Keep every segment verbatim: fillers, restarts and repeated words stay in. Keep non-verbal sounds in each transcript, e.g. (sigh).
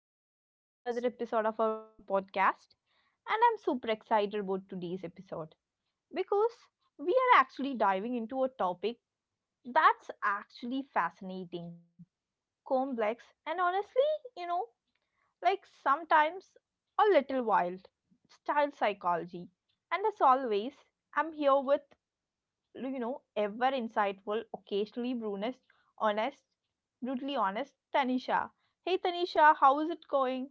and welcome back to another episode of our podcast. And I'm super excited about today's episode because we are actually diving into a topic that's actually fascinating, complex, and honestly, you know, like sometimes a little wild style psychology. And as always, I'm here with you know, ever insightful, occasionally brunest, honest, brutally honest, Tanisha. Hey Tanisha, how is it going?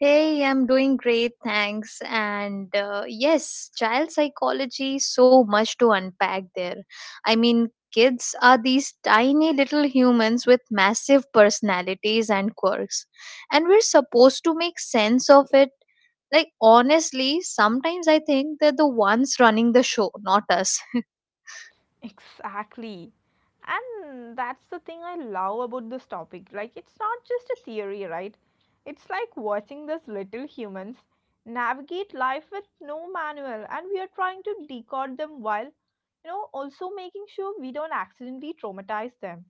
Hey, I'm doing great, thanks. And uh, yes, child psychology, so much to unpack there. I mean, kids are these tiny little humans with massive personalities and quirks, and we're supposed to make sense of it. Like, honestly, sometimes I think they're the ones running the show, not us. Exactly. And that's the thing I love about this topic. Like, it's not just a theory, right? It's like watching these little humans navigate life with no manual, and we are trying to decode them while, you know, also making sure we don't accidentally traumatize them.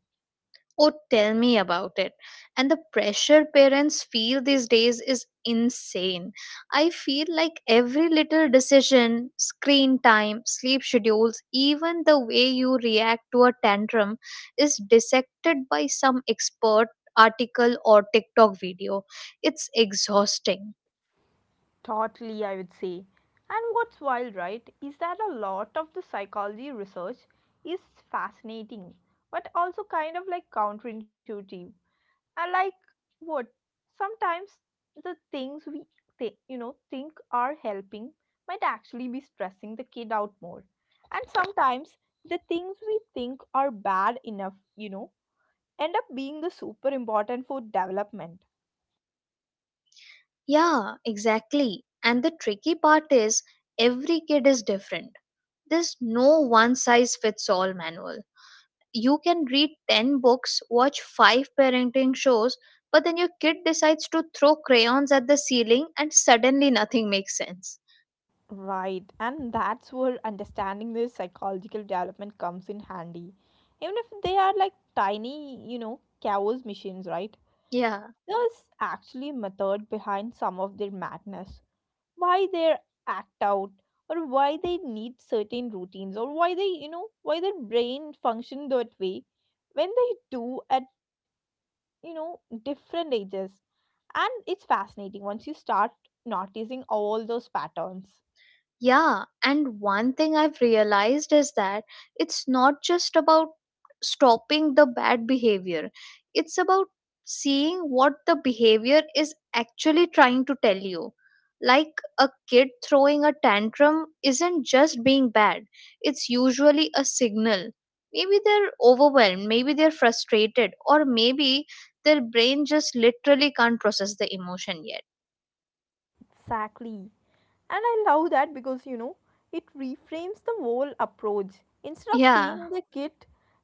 Oh, tell me about it. And the pressure parents feel these days is insane. I feel like every little decision, screen time, sleep schedules, even the way you react to a tantrum is dissected by some expert article or TikTok video. It's exhausting. Totally, I would say. And what's wild, right, is that a lot of the psychology research is fascinating, but also kind of like counterintuitive. And like what? Sometimes the things we th- you know think are helping might actually be stressing the kid out more. And sometimes the things we think are bad enough, you know, end up being the super important for development. Yeah, exactly. And the tricky part is every kid is different. There's no one size fits all manual. You can read ten books, watch five parenting shows, but then your kid decides to throw crayons at the ceiling and suddenly nothing makes sense. Right, and that's where understanding their psychological development comes in handy. Even if they are like tiny, you know, chaos machines, right? Yeah. There's actually a method behind some of their madness. Why they act out, or why they need certain routines, or why they, you know, why their brain function that way when they do at, you know, different ages. And it's fascinating once you start noticing all those patterns. Yeah, and one thing I've realized is that it's not just about stopping the bad behavior, it's about seeing what the behavior is actually trying to tell you. Like, a kid throwing a tantrum isn't just being bad, it's usually a signal. Maybe they're overwhelmed, maybe they're frustrated, or maybe their brain just literally can't process the emotion yet. Exactly. And I love that because you know, it reframes the whole approach. Instead of Yeah, seeing the kid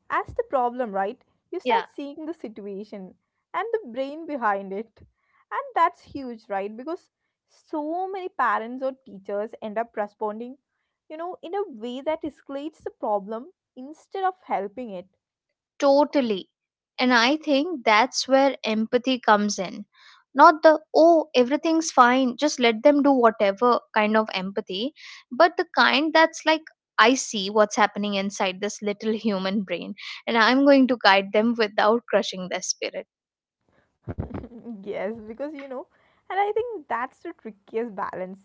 as the problem, right, you yeah. start seeing the situation and the brain behind it. And that's huge, right? Because so many parents or teachers end up responding, you know, in a way that escalates the problem instead of helping it. Totally. And I think that's where empathy comes in. Not the, oh, everything's fine, just let them do whatever kind of empathy, but the kind that's like, I see what's happening inside this little human brain, and I'm going to guide them without crushing their spirit. (laughs) Yes, because you know, and I think that's the trickiest balance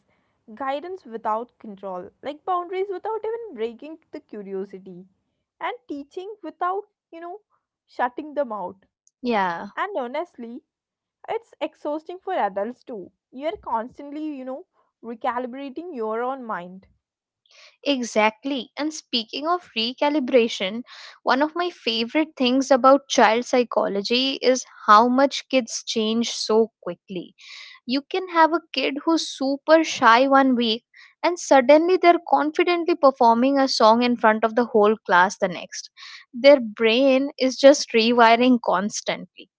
guidance without control, like boundaries without even breaking the curiosity, and teaching without, you know, shutting them out. Yeah, And honestly, it's exhausting for adults too. You're constantly, you know, recalibrating your own mind. exactly. And speaking of recalibration, one of my favorite things about child psychology is how much kids change so quickly. You can have a kid who's super shy one week and suddenly they're confidently performing a song in front of the whole class the next. Their brain is just rewiring constantly.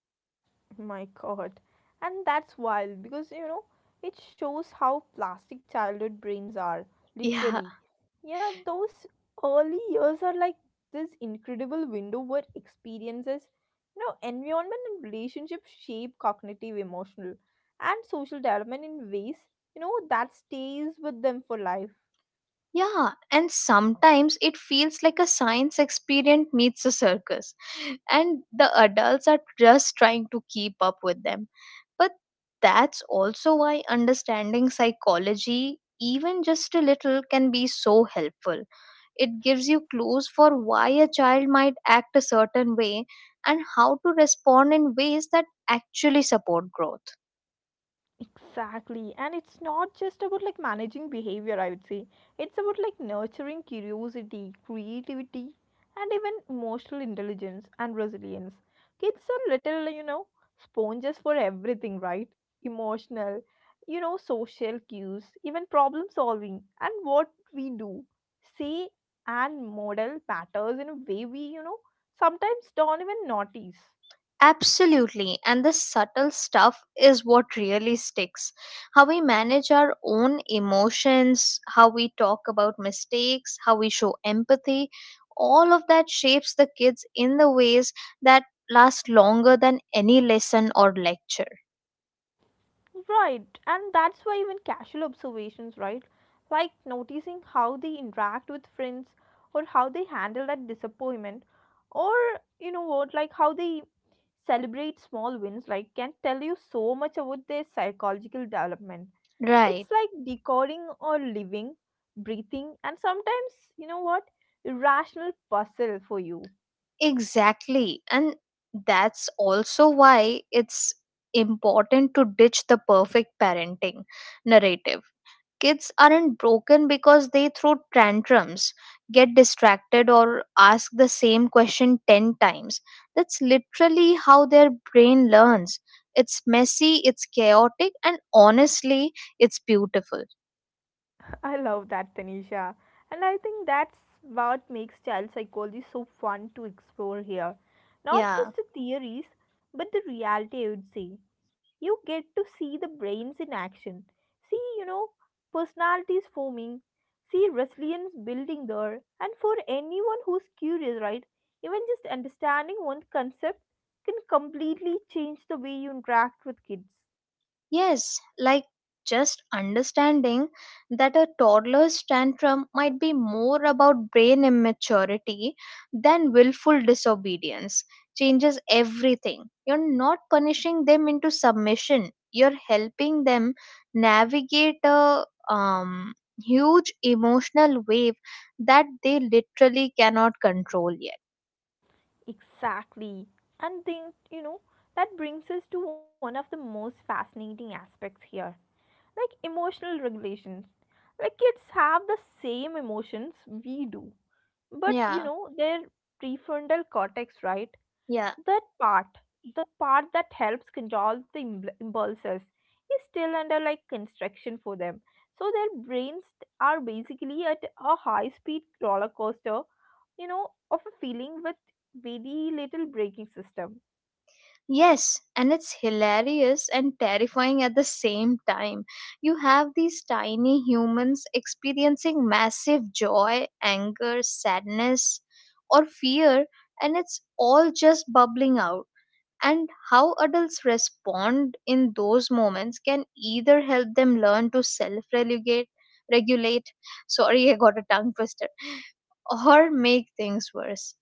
My god. And that's wild because you know it shows how plastic childhood brains are, Yeah. literally. Yeah, those early years are like this incredible window where experiences, you know, environment and relationship shape cognitive, emotional, and social development in ways, you know, that stays with them for life. Yeah, and sometimes it feels like a science experiment meets a circus, and the adults are just trying to keep up with them. But that's also why understanding psychology, even just a little, can be so helpful. It gives you clues for why a child might act a certain way and how to respond in ways that actually support growth. Exactly. And it's not just about like managing behavior, I would say. It's about like nurturing curiosity, creativity, and even emotional intelligence and resilience. Kids are little, you know, sponges for everything, right? Emotional, you know, social cues, even problem solving, and what we do, say, and model matters in a way we, you know, sometimes don't even notice. Absolutely, and the subtle stuff is what really sticks. How we manage our own emotions, how we talk about mistakes, how we show empathy, all of that shapes the kids in the ways that last longer than any lesson or lecture. Right, and that's why even casual observations, right? Like noticing how they interact with friends or how they handle that disappointment or you know what, like how they celebrate small wins, like can tell you so much about their psychological development. Right. It's like decoding or living, breathing, and sometimes, you know what, irrational puzzle for you. Exactly. And that's also why it's important to ditch the perfect parenting narrative. Kids aren't broken because they throw tantrums, get distracted, or ask the same question ten times. That's literally how their brain learns. It's messy, it's chaotic, and honestly, it's beautiful. I love that, Tanisha. And I think that's what makes child psychology so fun to explore here. Not Yeah. just the theories, but the reality, I would say. You get to see the brains in action. See, you know, personalities forming. See resilience building there. And for anyone who's curious, right, even just understanding one concept can completely change the way you interact with kids. Yes, like, just understanding that a toddler's tantrum might be more about brain immaturity than willful disobedience changes everything. You're not punishing them into submission, you're helping them navigate a um, huge emotional wave that they literally cannot control yet. Exactly. And then, you know, that brings us to one of the most fascinating aspects here like emotional regulations. Like kids have the same emotions we do, but you Yeah, know, their prefrontal cortex, right, yeah. that part, the part that helps control the im- impulses, is still under like construction for them. So their brains are basically at a high speed roller coaster, you know, of a feeling with very little braking system. Yes, and it's hilarious and terrifying at the same time. You have these tiny humans experiencing massive joy, anger, sadness, or fear, and it's all just bubbling out. And how adults respond in those moments can either help them learn to self regulate, regulate, sorry, (laughs) I got a tongue twister, or make things worse.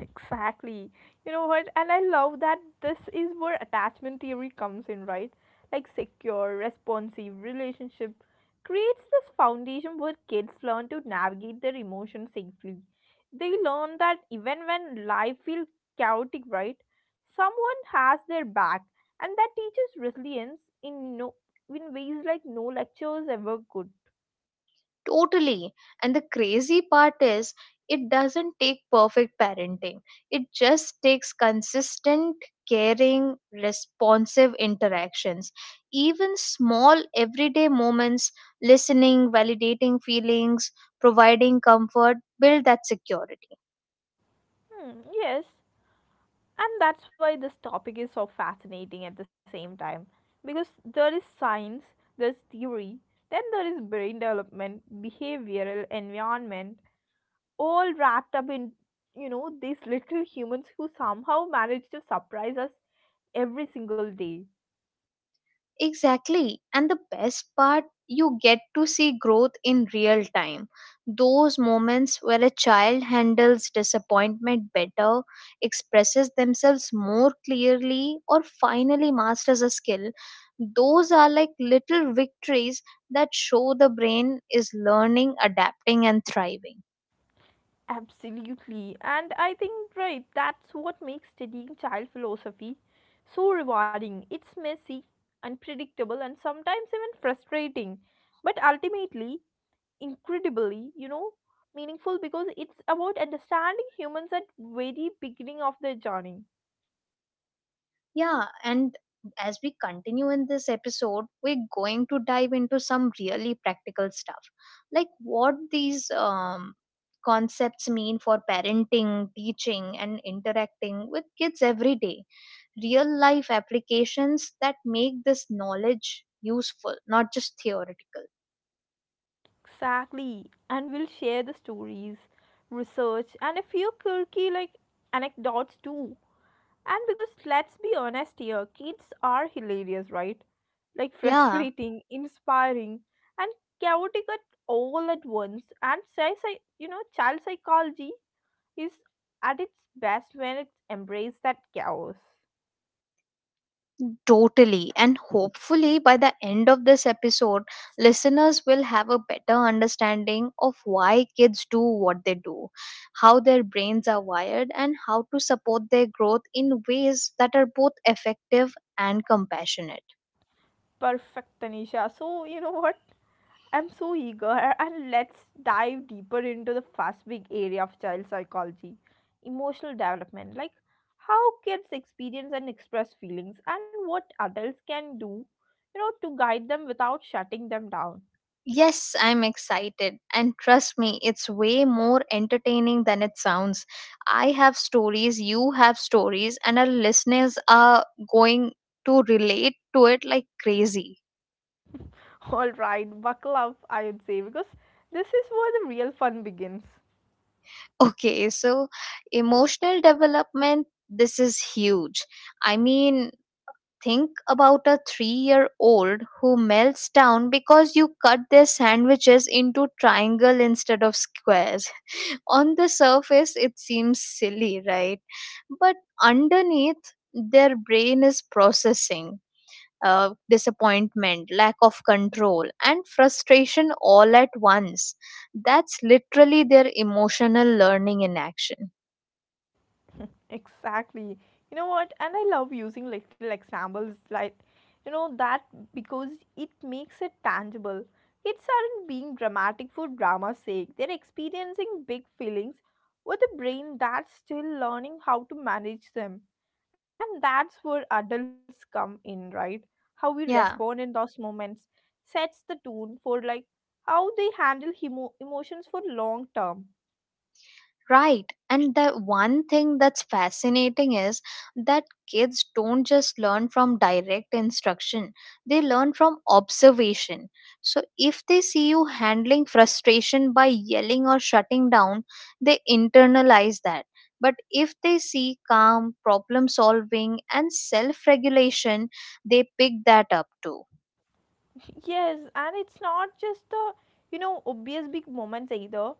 Exactly. You know what? And I love that this is where attachment theory comes in, right? Like secure, responsive relationship creates this foundation where kids learn to navigate their emotions safely. They learn that even when life feels chaotic, right? Someone has their back, and that teaches resilience in no in ways like no lectures ever could. Totally. And the crazy part is, it doesn't take perfect parenting. It just takes consistent, caring, responsive interactions. Even small everyday moments, listening, validating feelings, providing comfort, build that security. Hmm, yes. And that's why this topic is so fascinating at the same time. Because there is science, there's theory, then there is brain development, behavioral environment, all wrapped up in, you know, these little humans who somehow manage to surprise us every single day. Exactly. And the best part, you get to see growth in real time. Those moments where a child handles disappointment better, expresses themselves more clearly, or finally masters a skill, those are like little victories that show the brain is learning, adapting, and thriving. Absolutely. And I think, right, that's what makes studying child philosophy so rewarding. It's messy, unpredictable, and sometimes even frustrating. But ultimately, incredibly, you know, meaningful because it's about understanding humans at very beginning of their journey. Yeah, and as we continue in this episode, we're going to dive into some really practical stuff, like what these um, concepts mean for parenting, teaching, and interacting with kids every day. Real life applications that make this knowledge useful, not just theoretical. Exactly. And we'll share the stories, research, and a few quirky like anecdotes too. And because let's be honest here, kids are hilarious, right? Like (laughs) Yeah. frustrating, inspiring, and chaotic at all at once. And say, say you know, child psychology is at its best when it embraces that chaos. Totally. And hopefully, by the end of this episode, listeners will have a better understanding of why kids do what they do, how their brains are wired, and how to support their growth in ways that are both effective and compassionate. Perfect, Tanisha. So, you know what? I'm so eager, and let's dive deeper into the first big area of child psychology emotional development. Like how kids experience and express feelings, and what adults can do, you know, to guide them without shutting them down. Yes, I'm excited. And trust me, it's way more entertaining than it sounds. I have stories, you have stories, and our listeners are going to relate to it like crazy. (laughs) All right, buckle up, I would say, because this is where the real fun begins. Okay, so emotional development, this is huge. I mean, think about a three year old who melts down because you cut their sandwiches into triangle instead of squares. (laughs) On the surface, it seems silly, right? But underneath, their brain is processing. Uh, disappointment, lack of control, and frustration all at once. That's literally their emotional learning in action. (laughs) Exactly. You know what? And I love using little examples like, you know, that because it makes it tangible. Kids aren't being dramatic for drama's sake, they're experiencing big feelings with a brain that's still learning how to manage them. And that's where adults come in, right? How we Yeah, respond in those moments sets the tone for like how they handle emo- emotions for long term. right. And the one thing that's fascinating is that kids don't just learn from direct instruction, they learn from observation. So, if they see you handling frustration by yelling or shutting down, they internalize that. But if they see calm, problem solving, and self regulation, they pick that up too. Yes, and it's not just the, you know, obvious big moments either.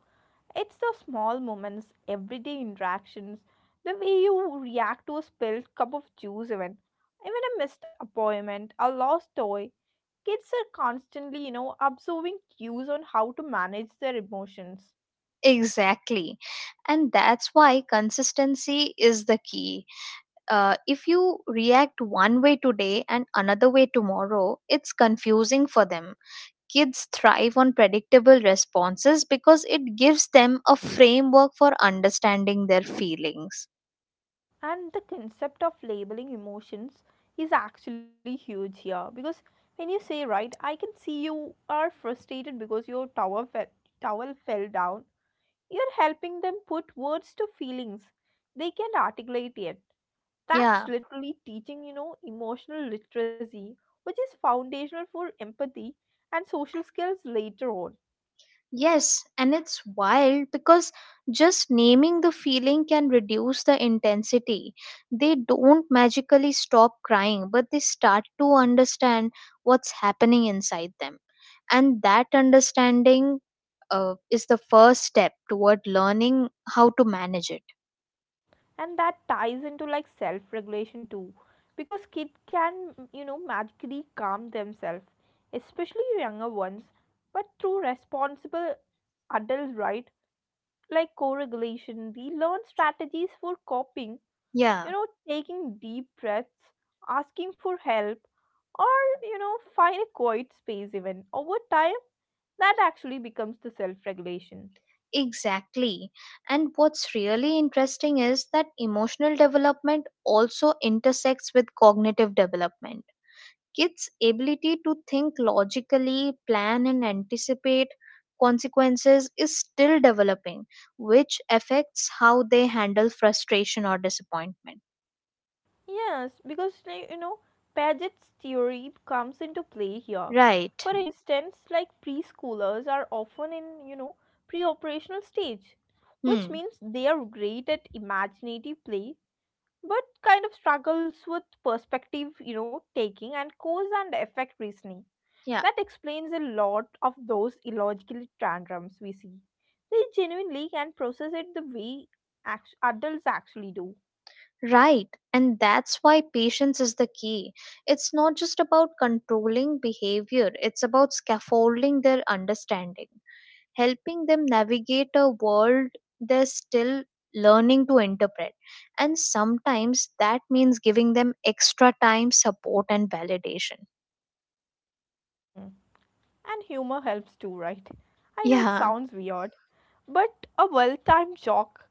It's the small moments, everyday interactions, the way you react to a spilled cup of juice, even, even a missed appointment, a lost toy. Kids are constantly, you know, absorbing cues on how to manage their emotions. Exactly. And that's why consistency is the key. Uh, if you react one way today and another way tomorrow, it's confusing for them. Kids thrive on predictable responses because it gives them a framework for understanding their feelings. And the concept of labeling emotions is actually huge here because when you say, right, I can see you are frustrated because your tower fell, towel fell down. You're helping them put words to feelings they can't articulate yet. That's Yeah. literally teaching, you know, emotional literacy, which is foundational for empathy and social skills later on. Yes, and it's wild because just naming the feeling can reduce the intensity. They don't magically stop crying, but they start to understand what's happening inside them. And that understanding uh, is the first step toward learning how to manage it. And that ties into like self regulation too, because kids can, you know, magically calm themselves, especially younger ones, but through responsible adults, right? Like co regulation, we learn strategies for coping you Yeah, know, taking deep breaths, asking for help, or, you know, find a quiet space even. Over time, that actually becomes the self regulation. exactly. And what's really interesting is that emotional development also intersects with cognitive development. Kids' ability to think logically, plan, and anticipate consequences is still developing, which affects how they handle frustration or disappointment. Yes, because, like, you know, Paget's theory comes into play here. Right. For instance, like preschoolers are often in, you know, pre operational stage, which Hmm. means they are great at imaginative play but kind of struggles with perspective, you know, taking and cause and effect reasoning. Yeah. That explains a lot of those illogical tantrums we see. They genuinely can process it the way act- adults actually do. Right. And that's why patience is the key. It's not just about controlling behavior, it's about scaffolding their understanding, helping them navigate a world they're still learning to interpret. And sometimes that means giving them extra time, support, and validation. Mm. And humor helps too, right? I know it Yeah. sounds weird, but a well timed joke,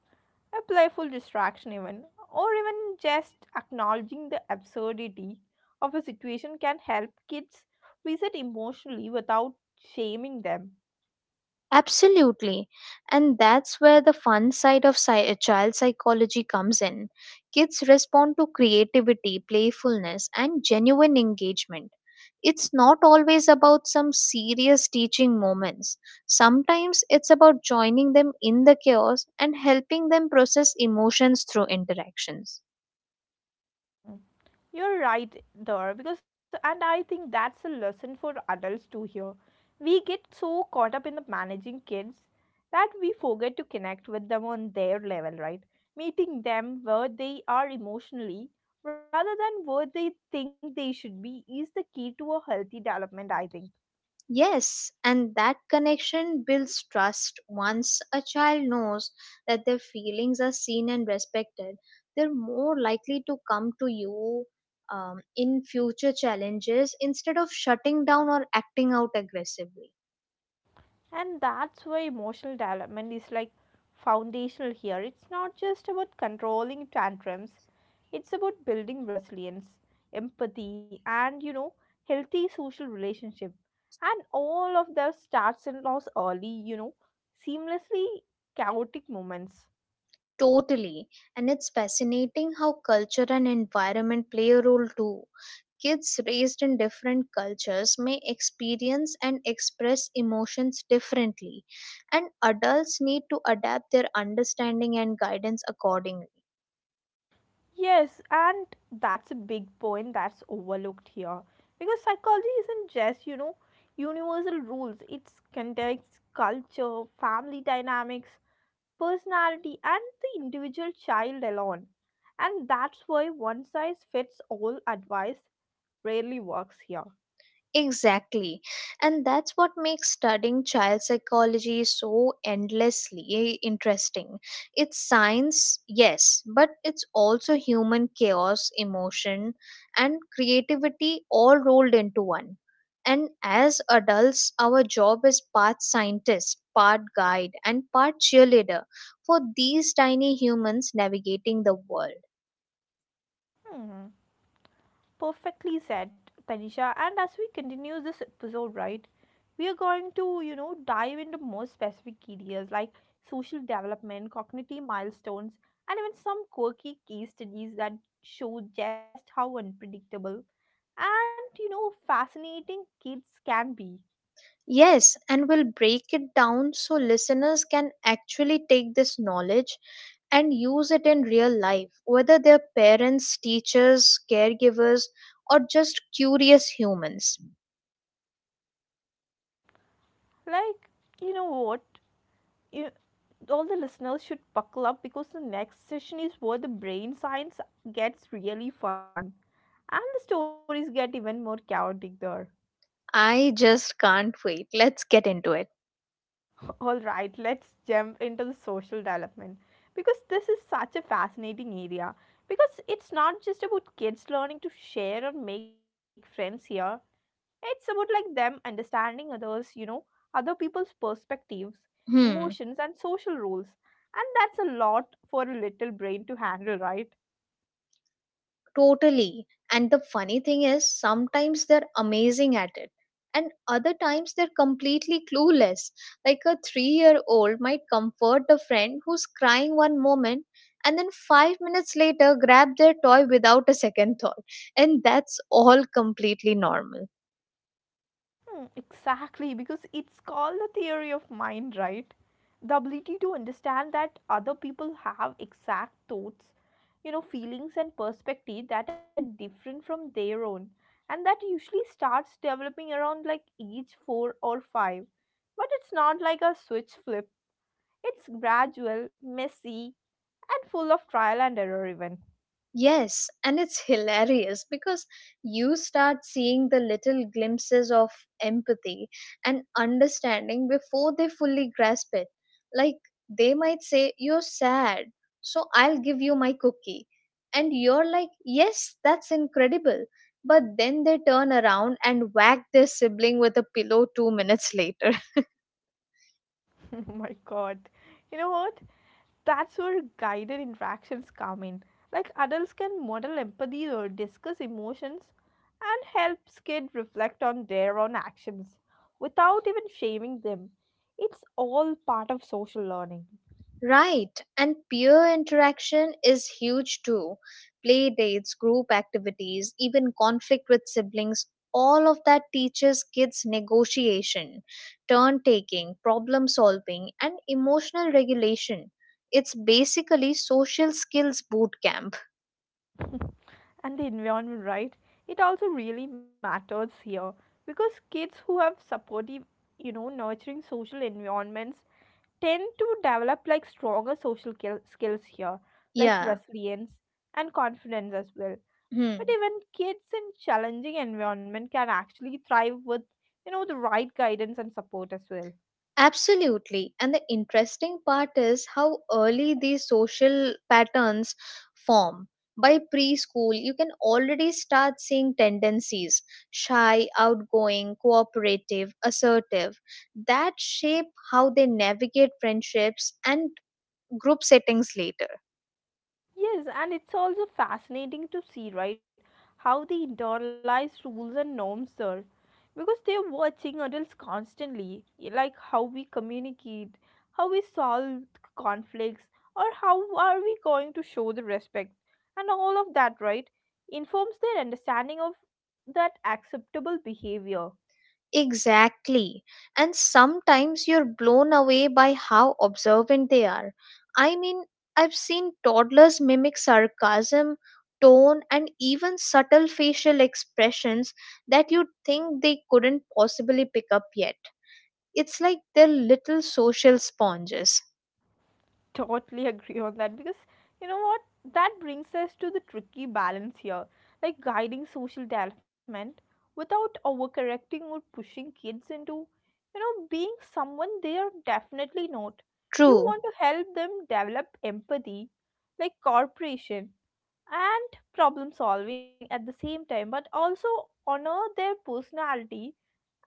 a playful distraction, even, or even just acknowledging the absurdity of a situation can help kids reset emotionally without shaming them. Absolutely. And that's where the fun side of psy- uh, child psychology comes in. Kids respond to creativity, playfulness, and genuine engagement. It's not always about some serious teaching moments. Sometimes it's about joining them in the chaos and helping them process emotions through interactions. You're right there because, and I think that's a lesson for adults too here. We get so caught up in the managing kids that we forget to connect with them on their level, right? Meeting them where they are emotionally rather than where they think they should be is the key to a healthy development, I think. Yes, and that connection builds trust. Once a child knows that their feelings are seen and respected, they're more likely to come to you um, in future challenges instead of shutting down or acting out aggressively. And that's why emotional development is like foundational here. It's not just about controlling tantrums, it's about building resilience, empathy, and you know healthy social relationship, and all of that starts and loss early, you know seamlessly chaotic moments. Totally. And it's fascinating how culture and environment play a role too. Kids raised in different cultures may experience and express emotions differently, and adults need to adapt their understanding and guidance accordingly. Yes, and that's a big point that's overlooked here because psychology isn't just you know universal rules. It's context, culture, family dynamics, personality, and the individual child alone. And that's why one size fits all advice rarely works here. Exactly. And that's what makes studying child psychology so endlessly interesting. It's science, yes, but it's also human chaos, emotion, and creativity all rolled into one. And as adults, our job is part scientist, part guide, and part cheerleader for these tiny humans navigating the world. Hmm. Perfectly said, Tanisha. And as we continue this episode, right, we are going to, you know, dive into more specific areas like social development, cognitive milestones, and even some quirky case studies that show just how unpredictable and, you know, fascinating kids can be. Yes, and we'll break it down so listeners can actually take this knowledge and use it in real life, whether they're parents, teachers, caregivers, or just curious humans. Like, you know what? You, all the listeners should buckle up because the next session is where the brain science gets really fun and the stories get even more chaotic there. I just can't wait. Let's get into it. (laughs) All right, let's jump into the social development because this is such a fascinating area because it's not just about kids learning to share or make friends here. It's about like them understanding others, you know, other people's perspectives, Hmm, emotions and social rules. And that's a lot for a little brain to handle, right? totally. And the funny thing is, sometimes they're amazing at it, and other times they're completely clueless. Like, a three year old might comfort a friend who's crying one moment and then five minutes later grab their toy without a second thought. And that's all completely normal. Hmm, exactly, because it's called the theory of mind, right? The ability to understand that other people have exact thoughts, you know, feelings and perspective that are different from their own, and that usually starts developing around like age four or five. But it's not like a switch flip. It's gradual, messy, and full of trial and error even. Yes, and it's hilarious because you start seeing the little glimpses of empathy and understanding before they fully grasp it. Like, they might say, You're sad, so I'll give you my cookie. And you're like, Yes, that's incredible. But then they turn around and whack their sibling with a pillow two minutes (laughs) later. (laughs) Oh my god. You know what? That's where guided interactions come in. Like adults can model empathy or discuss emotions and helps kids reflect on their own actions without even shaming them. It's all part of social learning. Right, and peer interaction is huge too. Play dates, group activities, even conflict with siblings, all of that teaches kids negotiation, turn taking, problem solving, and emotional regulation. It's basically social skills boot camp. (laughs) And the environment, right? It also really matters here because kids who have supportive, you know, nurturing social environments tend to develop like stronger social kill- skills here, like Yeah. resilience and confidence as well. But Hmm. even kids in challenging environment can actually thrive with, you know, the right guidance and support as well. Absolutely. And the interesting part is how early these social patterns form. By preschool, you can already start seeing tendencies, shy, outgoing, cooperative, assertive, that shape how they navigate friendships and group settings later. Yes, and it's also fascinating to see, right, how the internalized rules and norms are. Because they're watching adults constantly, eh, like how we communicate, how we solve conflicts, or how are we going to show the respect. And all of that, right, informs their understanding of that acceptable behavior. Exactly. And sometimes you're blown away by how observant they are. I mean, I've seen toddlers mimic sarcasm, tone, and even subtle facial expressions that you'd think they couldn't possibly pick up yet. It's like they're little social sponges. Totally (laughs) agree on that because you know what, that brings us to the tricky balance here, like guiding social development without overcorrecting or pushing kids into you know being someone they are definitely not. You True. want to help them develop empathy, like cooperation and problem solving at the same time, but also honor their personality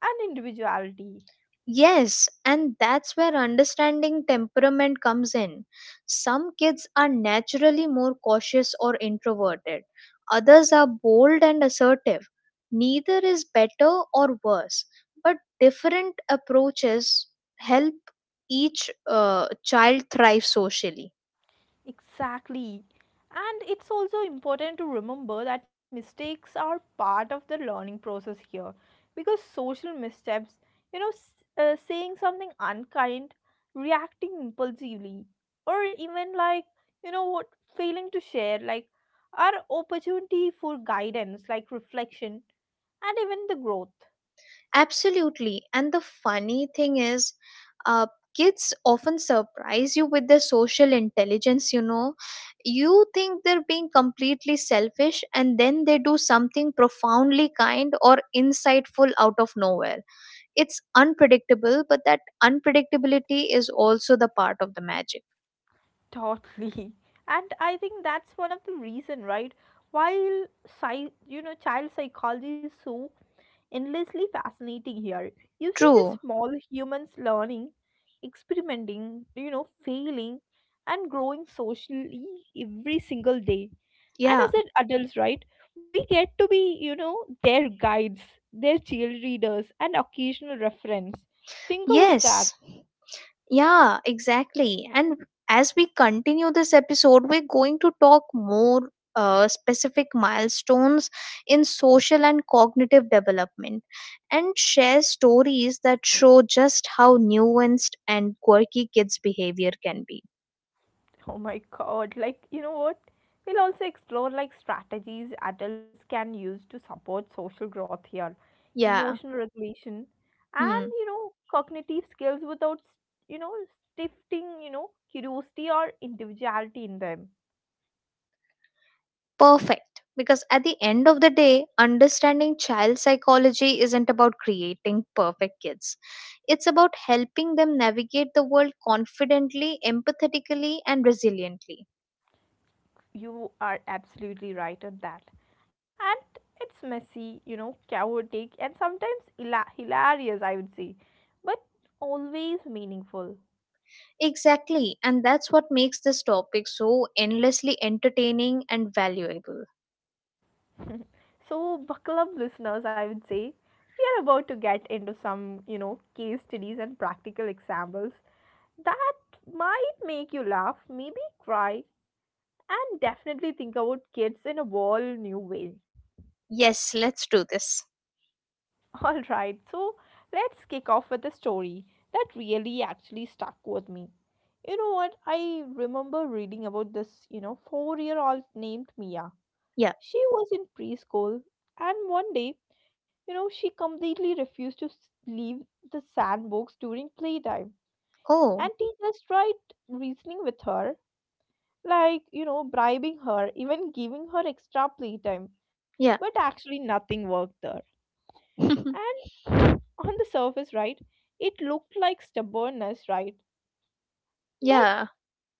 and individuality. Yes, and that's where understanding temperament comes in. Some kids are naturally more cautious or introverted, others are bold and assertive. Neither is better or worse, but different approaches help each uh, child thrive socially. Exactly. And it's also important to remember that mistakes are part of the learning process here, because social missteps, you know, s- uh, saying something unkind, reacting impulsively, or even like, you know, what failing to share, like, are opportunity for guidance, like reflection, and even the growth. Absolutely. And the funny thing is, uh, kids often surprise you with their social intelligence, you know. You think they're being completely selfish, and then they do something profoundly kind or insightful out of nowhere. It's unpredictable, but that unpredictability is also the part of the magic. Totally. (laughs) And I think that's one of the reason, right? While, psy- you know, child psychology is so endlessly fascinating here. You see these True. small humans learning, experimenting, you know, failing, and growing socially every single day. And Yeah. as an adults, right, we get to be, you know, their guides, their cheerleaders, and occasional reference. Think about that. Yes. Yeah, exactly. And as we continue this episode, we're going to talk more uh, specific milestones in social and cognitive development and share stories that show just how nuanced and quirky kids' behavior can be. (laughs) Oh my god, like you know what? We'll also explore like strategies adults can use to support social growth here, Yeah. emotional regulation, and Hmm. you know, cognitive skills without you know, stifting, you know, curiosity or individuality in them. Perfect. Because at the end of the day, understanding child psychology isn't about creating perfect kids. It's about helping them navigate the world confidently, empathetically, and resiliently. You are absolutely right on that. And it's messy, you know, chaotic, and sometimes hila- hilarious, I would say, but always meaningful. Exactly. And that's what makes this topic so endlessly entertaining and valuable. (laughs) So, buckle up, listeners, I would say. We are about to get into some, you know, case studies and practical examples that might make you laugh, maybe cry, and definitely think about kids in a whole new way. Yes, let's do this. (laughs) Alright, so let's kick off with a story that really actually stuck with me. You know what? I remember reading about this, you know, four-year-old named Mia. Yeah. She was in preschool, and one day, you know, she completely refused to s- leave the sandbox during playtime. And Oh, teachers tried reasoning with her, like, you know, bribing her, even giving her extra playtime. yeah. But actually, nothing worked there. (laughs) And on the surface, right, it looked like stubbornness, right? But Yeah.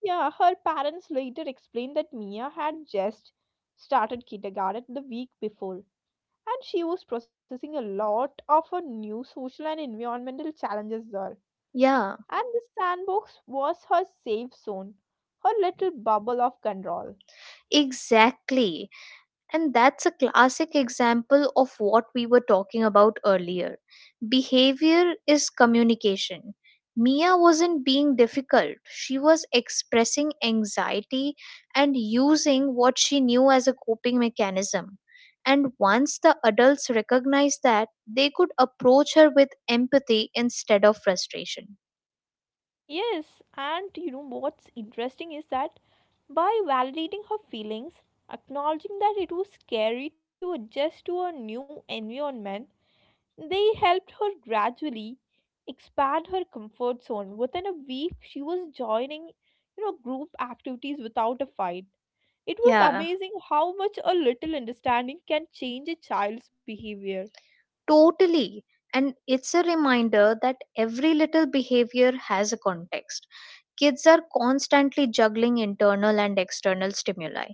yeah, her parents later explained that Mia had just started kindergarten the week before and she was processing a lot of her new social and environmental challenges there. Yeah. And the sandbox was her safe zone, her little bubble of control. Exactly. And that's a classic example of what we were talking about earlier. Behavior is communication. Mia wasn't being difficult, she was expressing anxiety and using what she knew as a coping mechanism. And once the adults recognized that, they could approach her with empathy instead of frustration. Yes, and you know what's interesting is that by validating her feelings, acknowledging that it was scary to adjust to a new environment, they helped her gradually expand her comfort zone. Within a week, she was joining, you know, group activities without a fight. It was Yeah, amazing how much a little understanding can change a child's behavior. totally. And it's a reminder that every little behavior has a context. Kids are constantly juggling internal and external stimuli,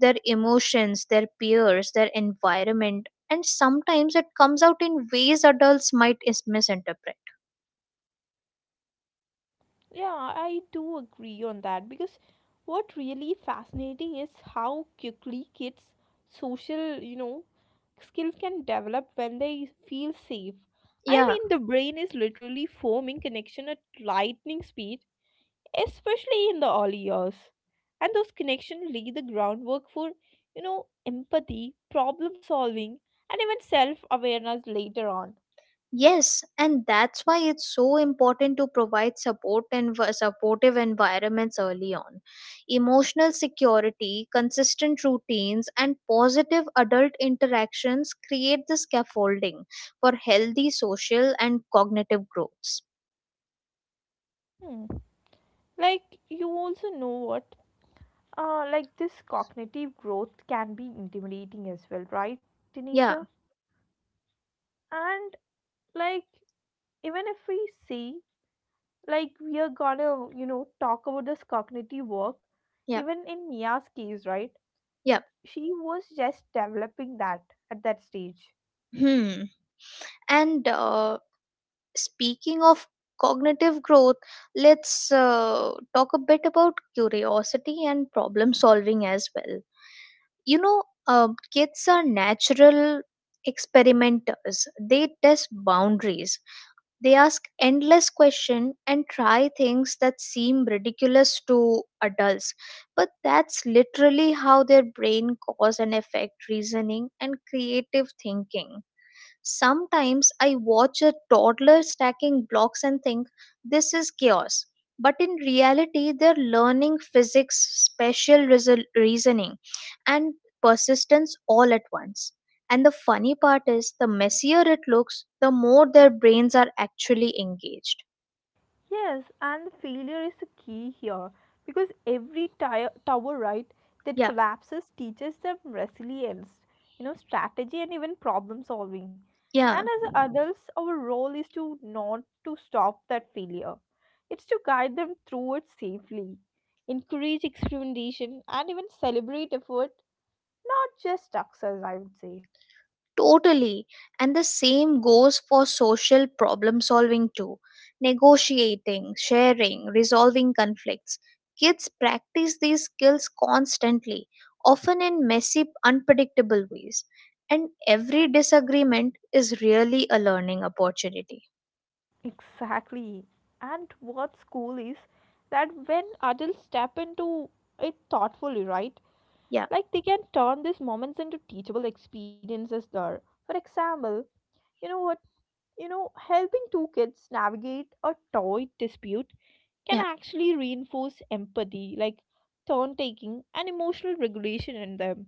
their emotions, their peers, their environment, and sometimes it comes out in ways adults might is- misinterpret. Yeah, I do agree on that because what really fascinating is how quickly kids' social, you know, skills can develop when they feel safe. I Yeah. mean, the brain is literally forming connection at lightning speed, especially in the early years. And those connections lay the groundwork for, you know, empathy, problem solving, and even self awareness later on. Yes, and that's why it's so important to provide support and v- supportive environments early on. Emotional security, consistent routines, and positive adult interactions create the scaffolding for healthy social and cognitive growths. Hmm. Like, you also know what? Uh, like, this cognitive growth can be intimidating as well, right, Tanisha? Yeah. And, like, even if we see, like, we are gonna, you know, talk about this cognitive work, Yep. even in Mia's case, right? Yep. She was just developing that at that stage. Hmm. And uh, speaking of cognitive growth, let's uh, talk a bit about curiosity and problem solving as well. You know, um, kids are natural experimenters, they test boundaries. They ask endless questions and try things that seem ridiculous to adults. But that's literally how their brain cause and effect reasoning and creative thinking. Sometimes I watch a toddler stacking blocks and think this is chaos. But in reality, they're learning physics, spatial reason- reasoning, and persistence all at once. And the funny part is, the messier it looks, the more their brains are actually engaged. Yes, and the failure is the key here because every tire, tower, right, that Yeah, collapses teaches them resilience, you know, strategy and even problem solving. And yeah, as adults, our role is to not to stop that failure. It's to guide them through it safely, encourage experimentation, and even celebrate effort, not just success, I would say. totally. And the same goes for social problem solving too, negotiating, sharing, resolving conflicts. Kids practice these skills constantly, often in messy, unpredictable ways. And every disagreement is really a learning opportunity. Exactly. And what's cool is that when adults step into it thoughtfully, right? Yeah, Like they can turn these moments into teachable experiences there. For example, you know what? You know, helping two kids navigate a toy dispute can yeah. actually reinforce empathy, like turn taking and emotional regulation in them.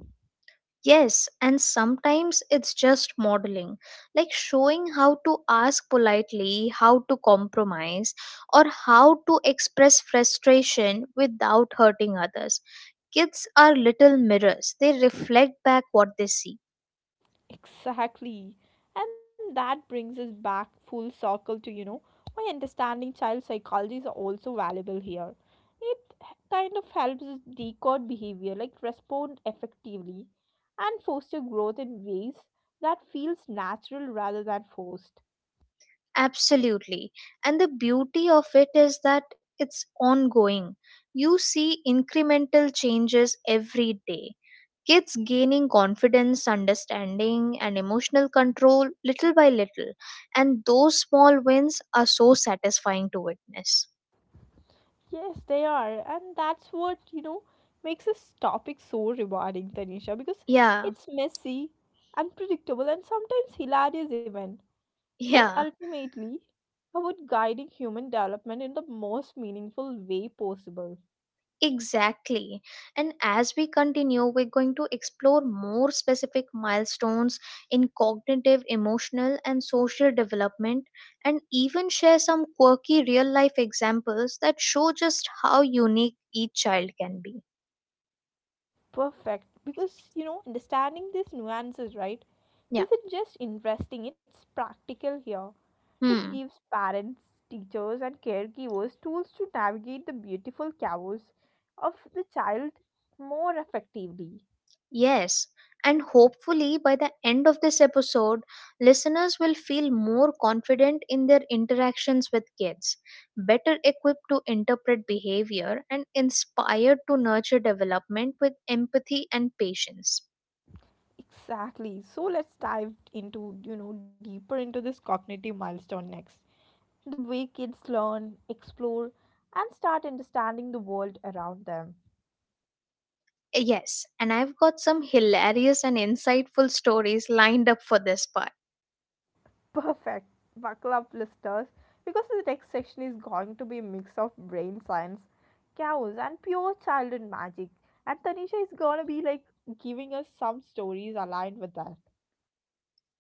Yes, and sometimes it's just modeling, like showing how to ask politely, how to compromise, or how to express frustration without hurting others. Kids are little mirrors, they reflect back what they see. Exactly. And that brings us back full circle to, you know, why understanding child psychology is also valuable here. It h- kind of helps us decode behavior, like respond effectively and foster growth in ways that feels natural rather than forced. Absolutely. And the beauty of it is that it's ongoing. You see incremental changes every day. Kids gaining confidence, understanding, and emotional control little by little. And those small wins are so satisfying to witness. Yes, they are. And that's what, you know, makes this topic so rewarding, Tanisha, because Yeah, it's messy, unpredictable, and sometimes hilarious even. (laughs) But yeah, ultimately, about guiding human development in the most meaningful way possible. exactly. And as we continue, we're going to explore more specific milestones in cognitive, emotional, and social development, and even share some quirky real life examples that show just how unique each child can be. Perfect. Because, you know, understanding these nuances, right, Yeah. isn't just interesting, it's practical here. It Hmm. gives parents, teachers, and caregivers tools to navigate the beautiful chaos of the child more effectively. Yes, and hopefully by the end of this episode, listeners will feel more confident in their interactions with kids, better equipped to interpret behavior, and inspired to nurture development with empathy and patience. Exactly. So let's dive into, you know, deeper into this cognitive milestone next. The way kids learn, explore, and start understanding the world around them. Eh, Yes, and I've got some hilarious and insightful stories lined up for this part. (laughs) Perfect. Buckle up, listeners, because the next section is going to be a mix of brain science, chaos, and pure childhood magic. And Tanisha is gonna be like giving us some stories aligned with that.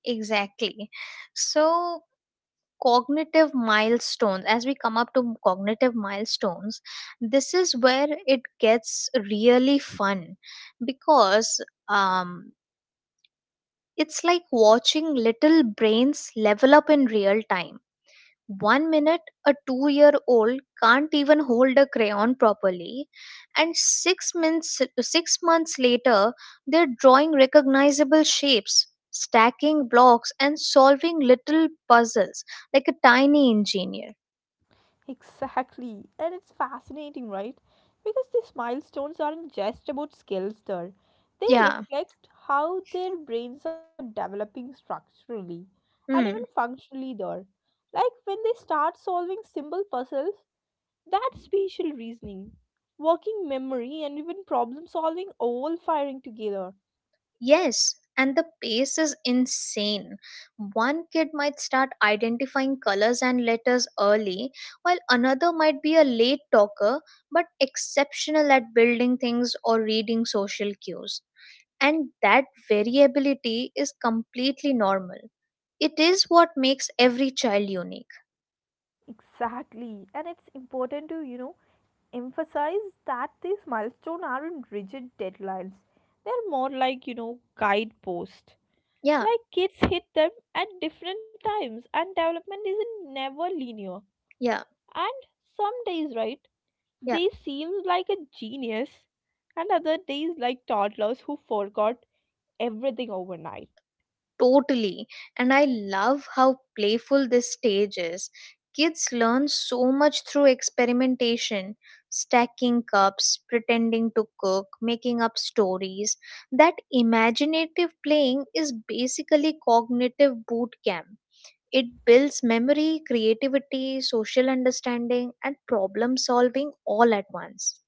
Exactly. So, cognitive milestones, as we come up to cognitive milestones, this is where it gets really fun because um, it's like watching little brains level up in real time. One minute a two year old can't even hold a crayon properly, and six months six months later they're drawing recognizable shapes, stacking blocks, and solving little puzzles like a tiny engineer. Exactly. And it's fascinating, right? Because these milestones aren't just about skills there. They Yeah. reflect how their brains are developing structurally and even Hmm. functionally there. Like when they start solving simple puzzles, that spatial reasoning, working memory, and even problem solving all firing together. Yes. And the pace is insane. One kid might start identifying colors and letters early, while another might be a late talker but exceptional at building things or reading social cues. And that variability is completely normal. It is what makes every child unique. Exactly. And it's important to, you know, emphasize that these milestones aren't rigid deadlines. They're more like, you know, guideposts. Yeah, Like kids hit them at different times and development isn't never linear. yeah, And some days, right, yeah. they seem like a genius and other days like toddlers who forgot everything overnight. Totally. And I love how playful this stage is. Kids learn so much through experimentation, stacking cups, pretending to cook, making up stories. That imaginative playing is basically cognitive boot camp. It builds memory, creativity, social understanding, and problem solving all at once.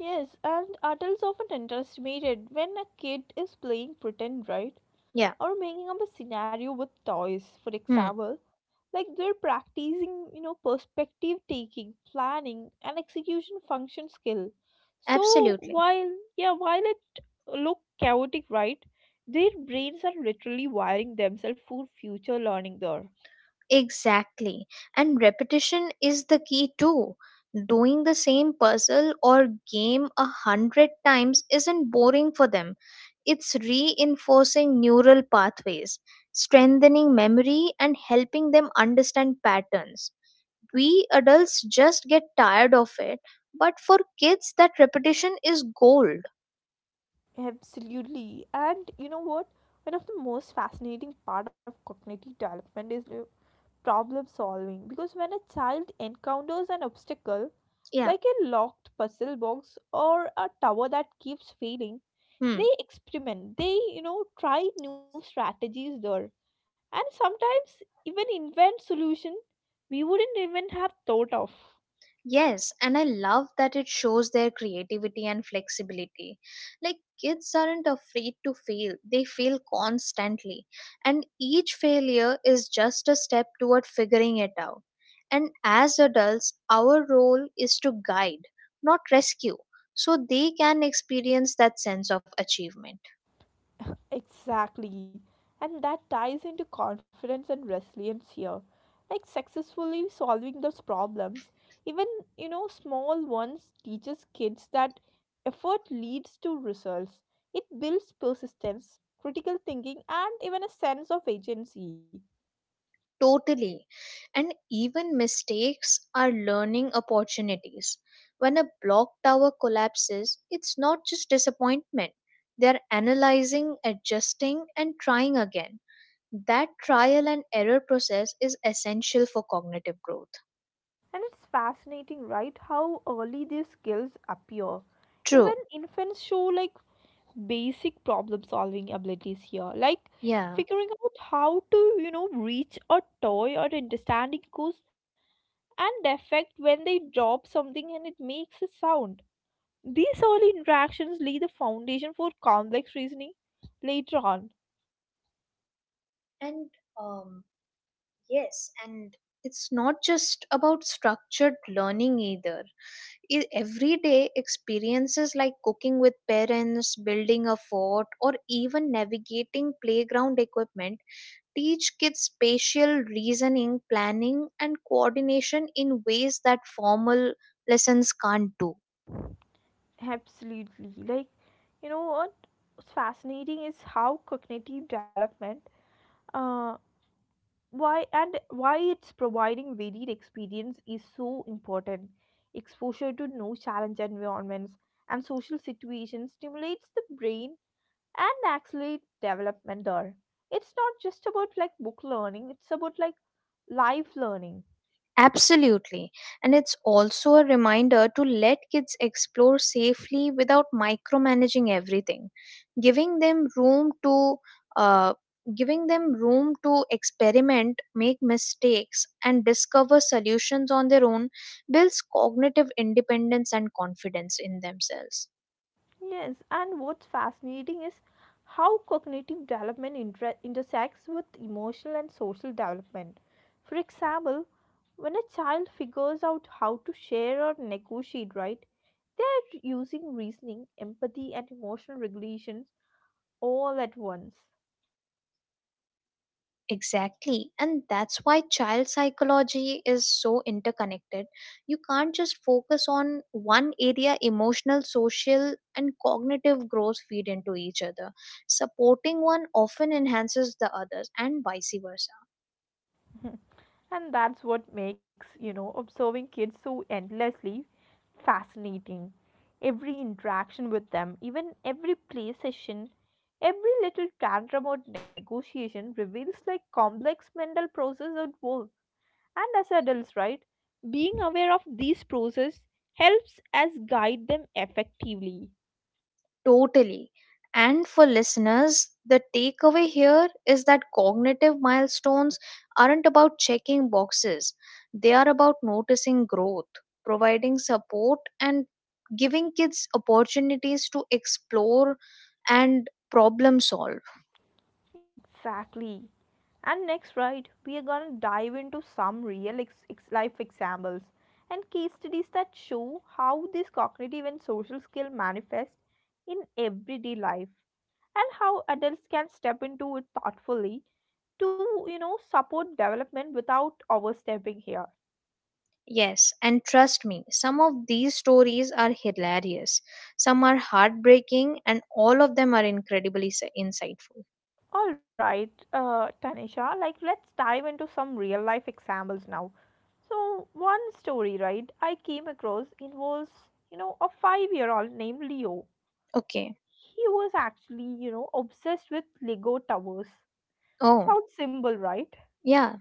Yes, and adults often underestimated when a kid is playing pretend, right? Yeah, Or making up a scenario with toys. For hmm, example, like they're practicing, you know perspective taking, planning and execution function skill. So absolutely. while yeah while it look chaotic, right, their brains are literally wiring themselves for future learning there. Exactly. And repetition is the key too. Doing the same puzzle or game a hundred times isn't boring for them. It's reinforcing neural pathways, strengthening memory, and helping them understand patterns. We adults just get tired of it, but for kids, that repetition is gold. Absolutely. And you know what, one of the most fascinating part of cognitive development is uh, problem solving, because when a child encounters an obstacle Yeah. like a locked puzzle box or a tower that keeps failing, Hmm. they experiment, they you know try new strategies there, and sometimes even invent solution we wouldn't even have thought of. Yes, and I love that it shows their creativity and flexibility. Like kids aren't afraid to fail, they fail constantly. And each failure is just a step toward figuring it out. And as adults, our role is to guide, not rescue, so they can experience that sense of achievement. Exactly. And that ties into confidence and resilience here, like successfully solving those problems, even you know small ones, teaches kids that effort leads to results. It builds persistence, critical thinking, and even a sense of agency. Totally. And even mistakes are learning opportunities. When a block tower collapses, it's not just disappointment. They're analyzing, adjusting, and trying again. That trial and error process is essential for cognitive growth. And it's fascinating, right? How early these skills appear. Even True. infants show like basic problem solving abilities here, like Yeah. figuring out how to, you know, reach a toy or understanding cause and effect when they drop something and it makes a sound. These early interactions lay the foundation for complex reasoning later on. And um, yes, and it's not just about structured learning either. I- everyday experiences like cooking with parents, building a fort, or even navigating playground equipment teach kids spatial reasoning, planning, and coordination in ways that formal lessons can't do. Absolutely. Like, you know what? What's fascinating is how cognitive development, uh, why and why it's providing varied experience, is so important. Exposure to new challenge environments and social situations stimulates the brain and accelerates development there. It's not just about like book learning, it's about like life learning. Absolutely. And it's also a reminder to let kids explore safely without micromanaging everything. Giving them room to uh, giving them room to experiment, make mistakes and discover solutions on their own builds cognitive independence and confidence in themselves. Yes, and what's fascinating is how cognitive development inter- intersects with emotional and social development. For example, when a child figures out how to share or negotiate, right, they're using reasoning, empathy, and emotional regulations all at once. Exactly. And that's why child psychology is so interconnected. You can't just focus on one area, emotional, social, and cognitive growth feed into each other. Supporting one often enhances the others, and vice versa. And that's what makes, you know observing kids so endlessly fascinating. Every interaction with them, even every play session, every little tantrum or negotiation reveals like complex mental process at work. And as adults, right, being aware of these processes helps us guide them effectively. Totally. And for listeners, the takeaway here is that cognitive milestones aren't about checking boxes, they are about noticing growth, providing support, and giving kids opportunities to explore and problem solve. Exactly. And next, right, we are gonna dive into some real ex- ex- life examples and case studies that show how this cognitive and social skill manifest in everyday life and how adults can step into it thoughtfully to, you know, support development without overstepping here. Yes, and trust me, some of these stories are hilarious, some are heartbreaking, and all of them are incredibly s- insightful. All right, uh, Tanisha, like let's dive into some real life examples now. So, one story, right, I came across, it was you know, a five year old named Leo. Okay. He was actually, you know, obsessed with Lego towers. Oh, Sounds simple, right? yeah.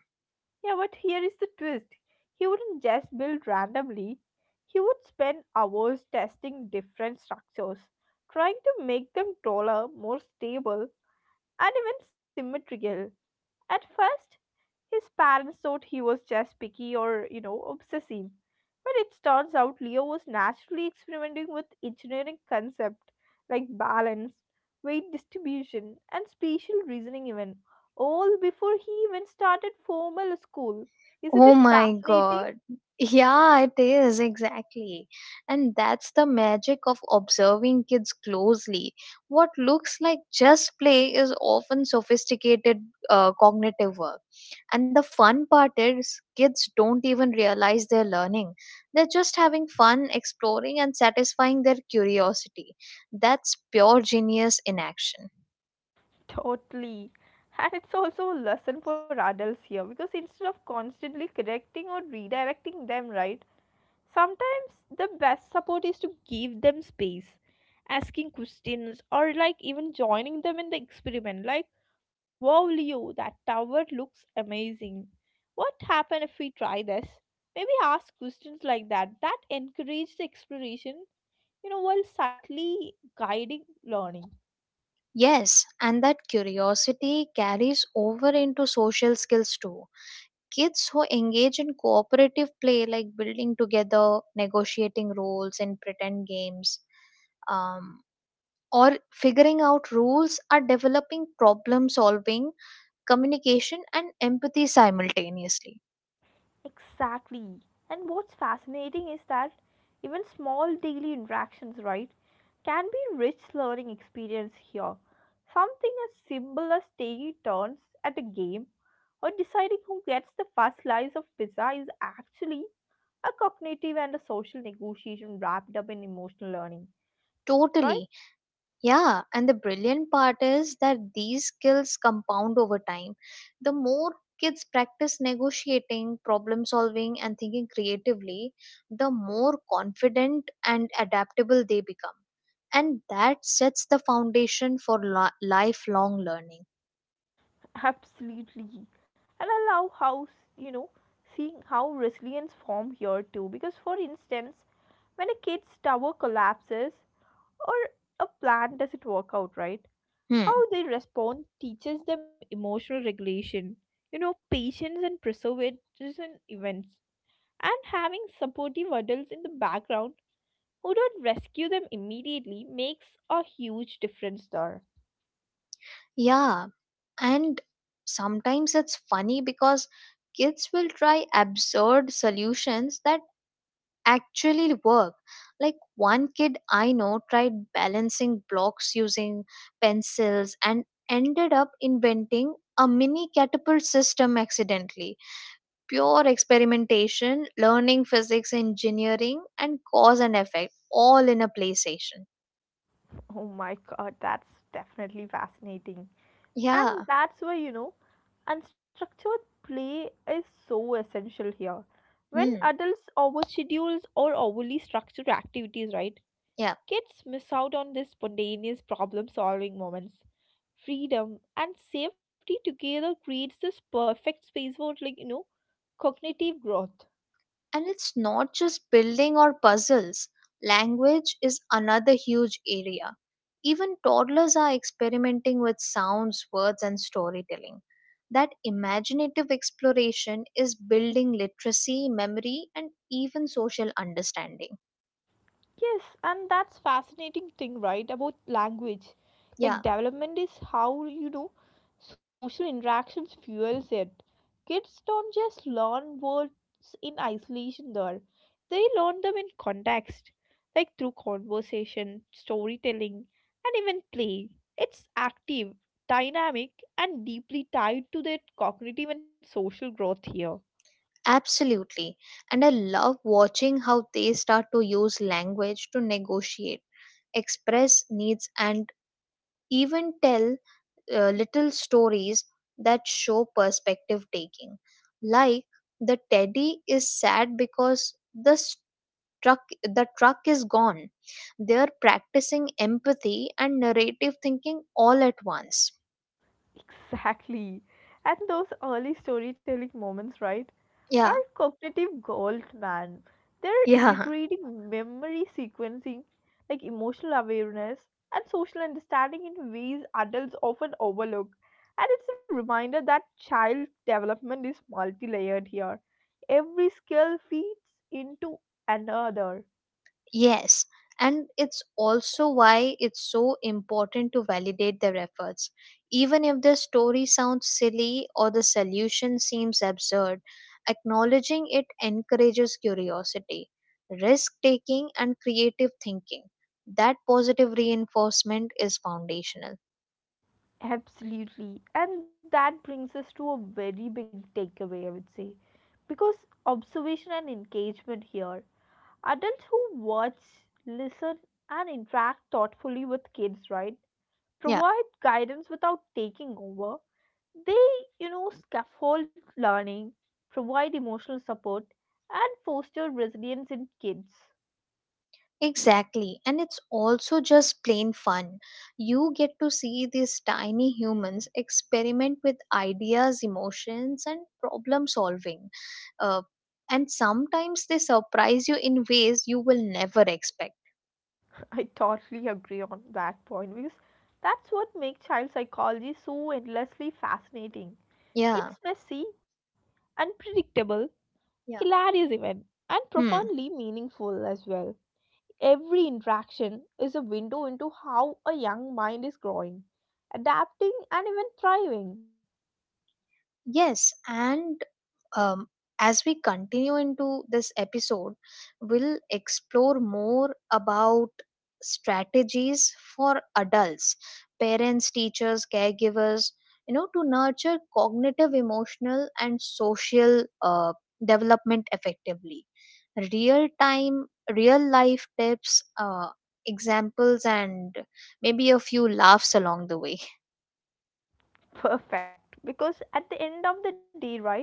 Yeah, but here is the twist. He wouldn't just build randomly, he would spend hours testing different structures, trying to make them taller, more stable, and even symmetrical. At first, his parents thought he was just picky or, you know, obsessive. But it turns out Leo was naturally experimenting with engineering concepts like balance, weight distribution, and spatial reasoning, even all before he even started formal school. Isn't Oh it my fascinating? god. Yeah, it is exactly. And that's the magic of observing kids closely. What looks like just play is often sophisticated uh, cognitive work. And the fun part is, kids don't even realize they're learning. They're just having fun exploring and satisfying their curiosity. That's pure genius in action. (laughs) Totally. And it's also a lesson for adults here, because instead of constantly correcting or redirecting them, right, sometimes the best support is to give them space. Asking questions, or like even joining them in the experiment, like, wow, Leo, that tower looks amazing. What happen if we try this? Maybe ask questions like that that encourage the exploration, you know, while subtly guiding learning. Yes, and that curiosity carries over into social skills too. Kids who engage in cooperative play, like building together, negotiating roles in pretend games, um, or figuring out rules, are developing problem solving, communication, and empathy simultaneously. Exactly. And what's fascinating is that even small daily interactions, right, can be rich learning experience here. Something as simple as taking turns at a game or deciding who gets the first slice of pizza is actually a cognitive and a social negotiation wrapped up in emotional learning, right? Totally. Yeah, and the brilliant part is that these skills compound over time. The more kids practice negotiating, problem solving, and thinking creatively, the more confident and adaptable they become. And that sets the foundation for li- lifelong learning. Absolutely. And I love how, s- you know, seeing how resilience form here too. Because, for instance, when a kid's tower collapses or a plan doesn't work out, right, Hmm. how they respond teaches them emotional regulation, you know, patience and preservation events. And having supportive adults in the background who don't rescue them immediately makes a huge difference there. Yeah, and sometimes it's funny because kids will try absurd solutions that actually work. Like one kid I know tried balancing blocks using pencils and ended up inventing a mini catapult system accidentally. Pure experimentation, learning physics, engineering, and cause and effect all in a play station. Oh my god, that's definitely fascinating. Yeah. And that's where, you know, unstructured play is so essential here. When Hmm. adults overschedule or overly structure activities, right, Yeah. kids miss out on these spontaneous problem solving moments. Freedom and safety together creates this perfect space for, like, you know, cognitive growth. And it's not just building or puzzles, language is another huge area. Even toddlers are experimenting with sounds, words, and storytelling. That imaginative exploration is building literacy, memory, and even social understanding. Yes, and that's fascinating thing, right? About language. Yeah, Like, development is how, you know, social interactions fuels it. Kids don't just learn words in isolation there. They learn them in context, like through conversation, storytelling, and even play. It's active, dynamic, and deeply tied to their cognitive and social growth here. absolutely. And I love watching how they start to use language to negotiate, express needs, and even tell uh, little stories that show perspective taking, like the teddy is sad because the truck the truck is gone. They're practicing empathy and narrative thinking all at once. Exactly. And those early storytelling moments, right, are Yeah, cognitive gold, man. They're yeah. integrating memory sequencing, like emotional awareness, and social understanding in ways adults often overlook. And it's a reminder that child development is multi layered here. Every skill feeds into another. Yes, and it's also why it's so important to validate their efforts. Even if the story sounds silly or the solution seems absurd, acknowledging it encourages curiosity, risk taking, and creative thinking. That positive reinforcement is foundational. Absolutely. And that brings us to a very big takeaway, I would say. Because observation and engagement here. Adults who watch, listen, and interact thoughtfully with kids, right? Yeah, Provide guidance without taking over. They, you know, scaffold learning, provide emotional support, and foster resilience in kids. exactly, and it's also just plain fun. You get to see these tiny humans experiment with ideas, emotions, and problem solving. Uh, and sometimes they surprise you in ways you will never expect. (laughs) I totally agree on that point, because that's what makes child psychology so endlessly fascinating. Yeah, It's messy, unpredictable, yeah. hilarious even, and Hmm. profoundly meaningful as well. Every interaction is a window into how a young mind is growing, adapting, and even thriving. Yes, and um, as we continue into this episode, we'll explore more about strategies for adults, parents, teachers, caregivers, you know, to nurture cognitive, emotional, and social uh, development effectively. Real time, real life tips, uh, examples, and maybe a few laughs along the way. (laughs) (laughs) Perfect, because at the end of the day, right,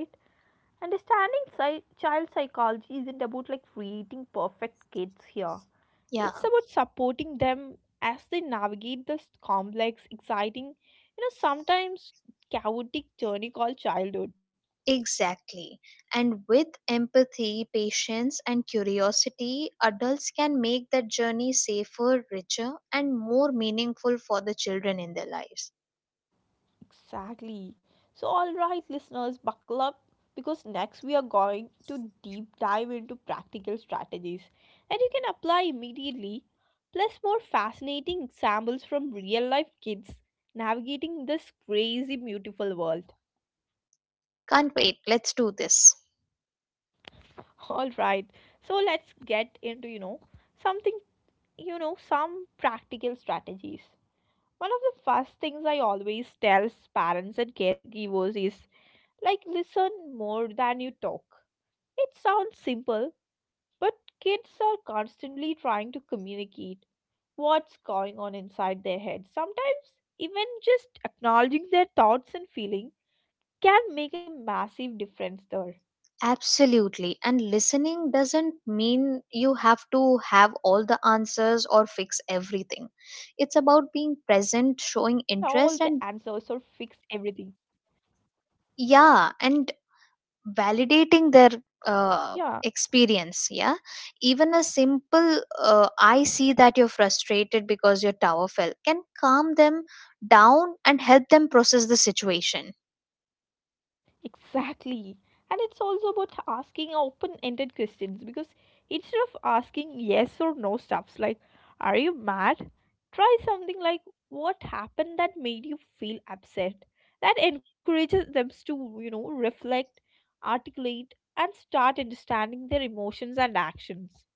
understanding psy- child psychology isn't about like creating perfect kids here. Yeah. It's about supporting them as they navigate this complex, exciting, you know, sometimes chaotic journey called childhood. Exactly. And with empathy, patience, and curiosity, adults can make that journey safer, richer, and more meaningful for the children in their lives. Exactly. So, all right, listeners, buckle up, because next we are going to deep dive into practical strategies that you can apply immediately, plus more fascinating examples from real life kids navigating this crazy, beautiful world. Can't wait. Let's do this. All right, so let's get into, you know, something, you know, some practical strategies. One of the first things I always tell parents and caregivers is, like, listen more than you talk. It sounds simple, but kids are constantly trying to communicate what's going on inside their heads. Sometimes, even just acknowledging their thoughts and feeling can make a massive difference there. Absolutely. And listening doesn't mean you have to have all the answers or fix everything. All the It's answers about or being fix present, everything. showing interest, and yeah, and Yeah. validating their uh, experience. Yeah, even a simple uh, I see that you're frustrated because your tower fell can calm them down and help them process the situation. Exactly. And it's also about asking open ended questions, because instead of asking yes or no stuffs like, are you mad? Try something like, what happened that made you feel upset? That encourages them to, you know, reflect, articulate, and start understanding their emotions and actions.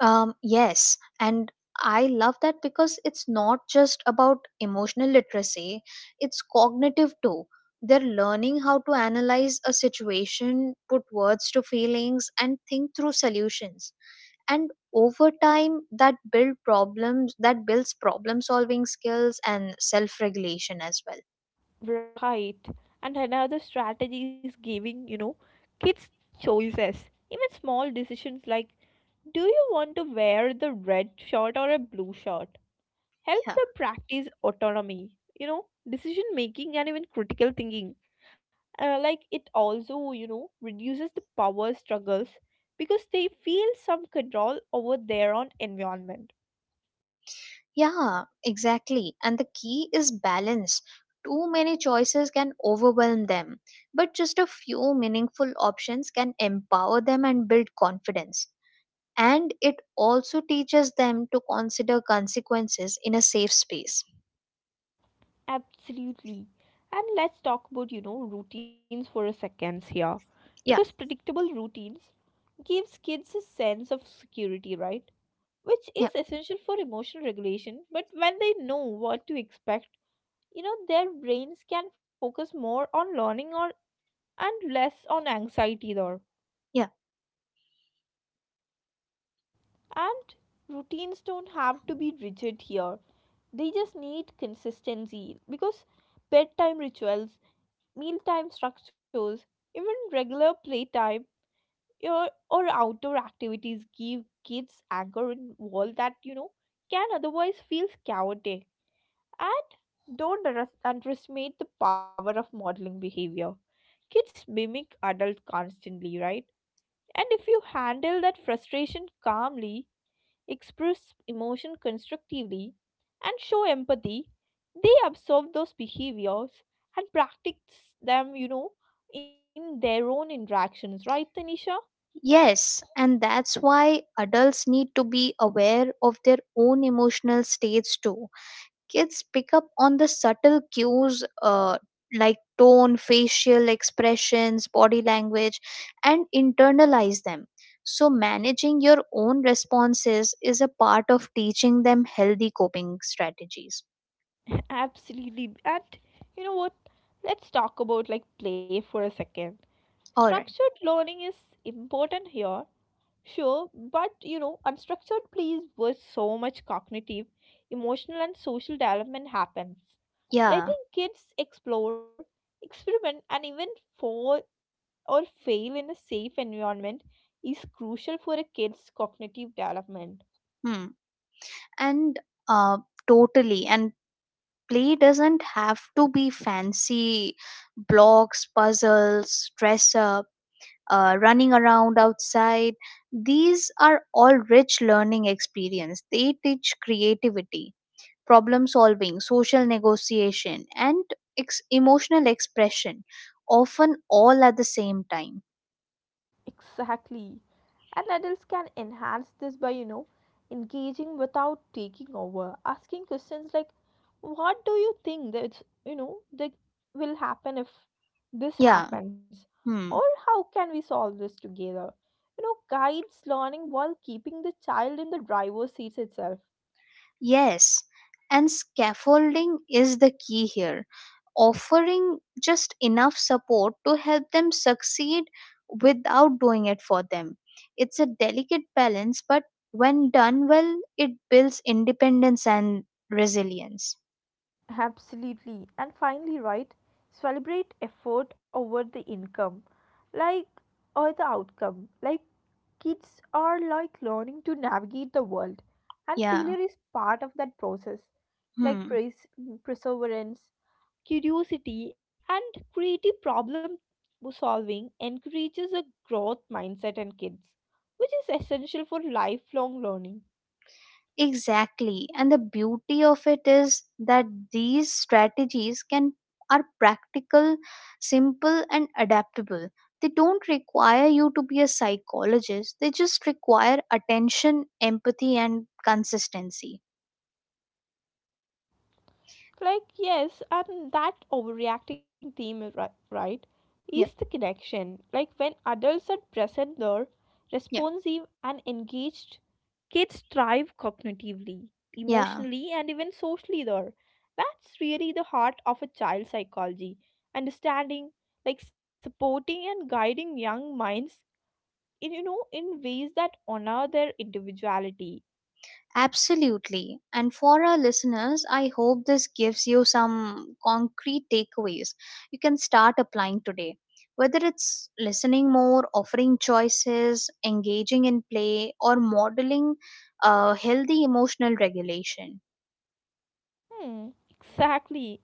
Um, yes, and I love that because it's not just about emotional literacy, it's cognitive too. They're learning how to analyze a situation, put words to feelings, and think through solutions. And over time, that build problems that builds problem solving skills and self regulation as well. Right. And another strategy is giving, you know, kids choices. Even small decisions like, do you want to wear the red shirt or a blue shirt? Help Yeah. them practice autonomy, you know, decision making and even critical thinking. Uh, like it also, you know, reduces the power struggles because they feel some control over their own environment. Yeah, exactly. And the key is balance. Too many choices can overwhelm them, but just a few meaningful options can empower them and build confidence. And it also teaches them to consider consequences in a safe space. Absolutely. And let's talk about, you know, routines for a second here. Because Yeah, predictable routines gives kids a sense of security, right? Which yeah, is essential for emotional regulation, but when they know what to expect, you know, their brains can focus more on learning or and less on anxiety there. yeah. And routines don't have to be rigid here. They just need consistency, because bedtime rituals, mealtime structures, even regular playtime or, or outdoor activities give kids anchor in world that, you know, can otherwise feel chaotic. And don't under- underestimate the power of modeling behavior. Kids mimic adults constantly, right? And if you handle that frustration calmly, express emotion constructively, and show empathy, they observe those behaviors and practice them, you know, in their own interactions, right, Tanisha? Yes, and that's why adults need to be aware of their own emotional states too. Kids pick up on the subtle cues, uh, like tone, facial expressions, body language, and internalize them. So, managing your own responses is a part of teaching them healthy coping strategies. (laughs) Absolutely. And you know what? Let's talk about, like, play for a second. All right. Structured learning is important here. Sure, but, you know, unstructured plays where so much cognitive, emotional, and social development happens. Yeah. Letting kids explore, experiment, and even fall or fail in a safe environment is crucial for a kid's cognitive development. Hmm. And uh, totally. And play doesn't have to be fancy, blocks, puzzles, dress up, uh, running around outside. These are all rich learning experience, they teach creativity, problem solving, social negotiation, and ex- emotional expression, often all at the same time. Exactly. And adults can enhance this by, you know, engaging without taking over. Asking questions like, what do you think that, you know, that will happen if this Yeah, happens, or hmm. how can we solve this together, you know, guides learning while keeping the child in the driver's seat itself. Yes, and scaffolding is the key here, offering just enough support to help them succeed without doing it for them. It's a delicate balance, but when done well, it builds independence and resilience. Absolutely. And finally, right, celebrate effort over the income, like, or the outcome. Like, kids are like learning to navigate the world, and Yeah. failure is part of that process. Hmm. Like, pres- perseverance, curiosity, and creative problem solving encourages a growth mindset in kids, which is essential for lifelong learning. Exactly. And the beauty of it is that these strategies can are practical, simple and adaptable. They don't require you to be a psychologist. They just require attention, empathy and consistency. Like, yes, and that overreacting theme, is ri- right, Yeah. is the connection. Like, when adults are present, they're Yeah. responsive and engaged, kids thrive cognitively, Yeah. emotionally, and even socially. There, that's really the heart of a child's psychology. Understanding, like, supporting and guiding young minds in, you know, in ways that honor their individuality. Absolutely. And for our listeners, I hope this gives you some concrete takeaways you can start applying today. Whether it's listening more, offering choices, engaging in play, or modeling uh, healthy emotional regulation. Hmm, exactly.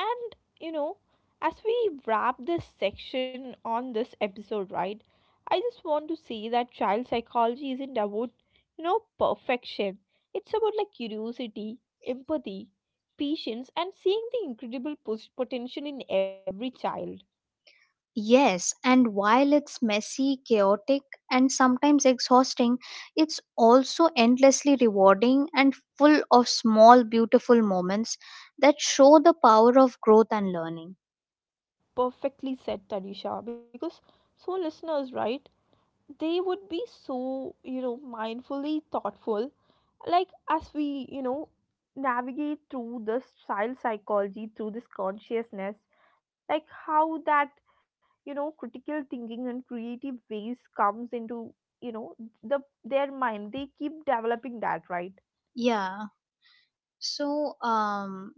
And, you know, as we wrap this section on this episode, right, I just want to say that child psychology isn't about, you know, perfection. It's about, like, curiosity, empathy, patience, and seeing the incredible pos- potential in every child. Yes, and while it's messy, chaotic, and sometimes exhausting, it's also endlessly rewarding and full of small, beautiful moments that show the power of growth and learning. Perfectly said, Tanisha. Because so, listeners, right, they would be so, you know, mindfully thoughtful, like, as we, you know, navigate through this child psychology through this consciousness, like how that, you know, critical thinking and creative ways comes into, you know, the their mind, they keep developing that, right? Yeah. So, um,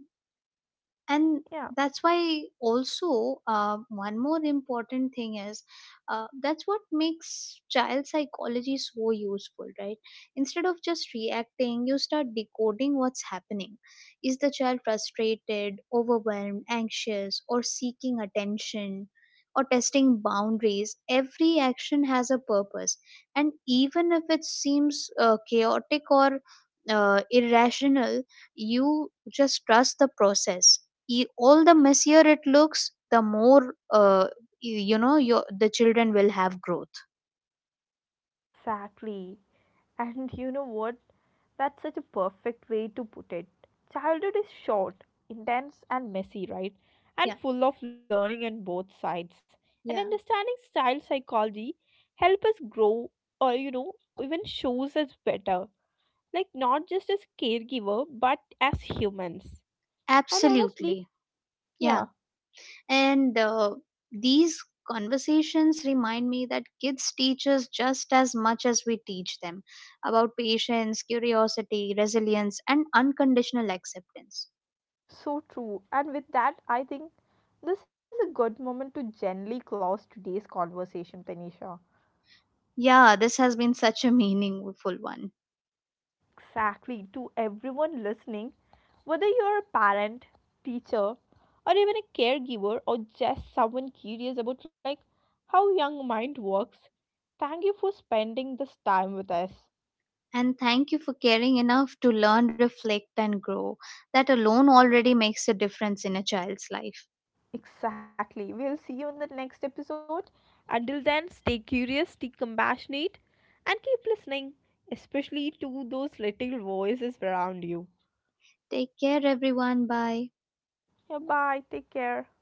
and Yeah, that's why also uh, one more important thing is, uh, that's what makes child psychology so useful. Right? Instead of just reacting you start decoding what's happening. Is the child frustrated, overwhelmed, anxious, or seeking attention, or testing boundaries? Every action has a purpose, and even if it seems uh, chaotic or uh, irrational, you just trust the process. Y- all the messier it looks, the more uh, you, you know your the children will have growth. exactly. And you know what? That's such a perfect way to put it. Childhood is short, intense, and messy, right? Yeah, And full of learning on both sides. And yeah, understanding child psychology help us grow, or, you know, even shows us better. Like, not just as caregiver, but as humans. And honestly, absolutely. Yeah, yeah, and uh, these conversations remind me that kids teach us just as much as we teach them about patience, curiosity, resilience, and unconditional acceptance. so true. And with that, I think this is a good moment to gently close today's conversation, Tanisha. Yeah, this has been such a meaningful one. Exactly, to everyone listening, whether you're a parent, teacher, or even a caregiver, or just someone curious about, like, how young mind works, thank you for spending this time with us. And thank you for caring enough to learn, reflect, and grow. That alone already makes a difference in a child's life. Exactly. We'll see you in the next episode. Until then, stay curious, stay compassionate, and keep listening, especially to those little voices around you. Take care, everyone. Bye. Yeah, bye. Take care.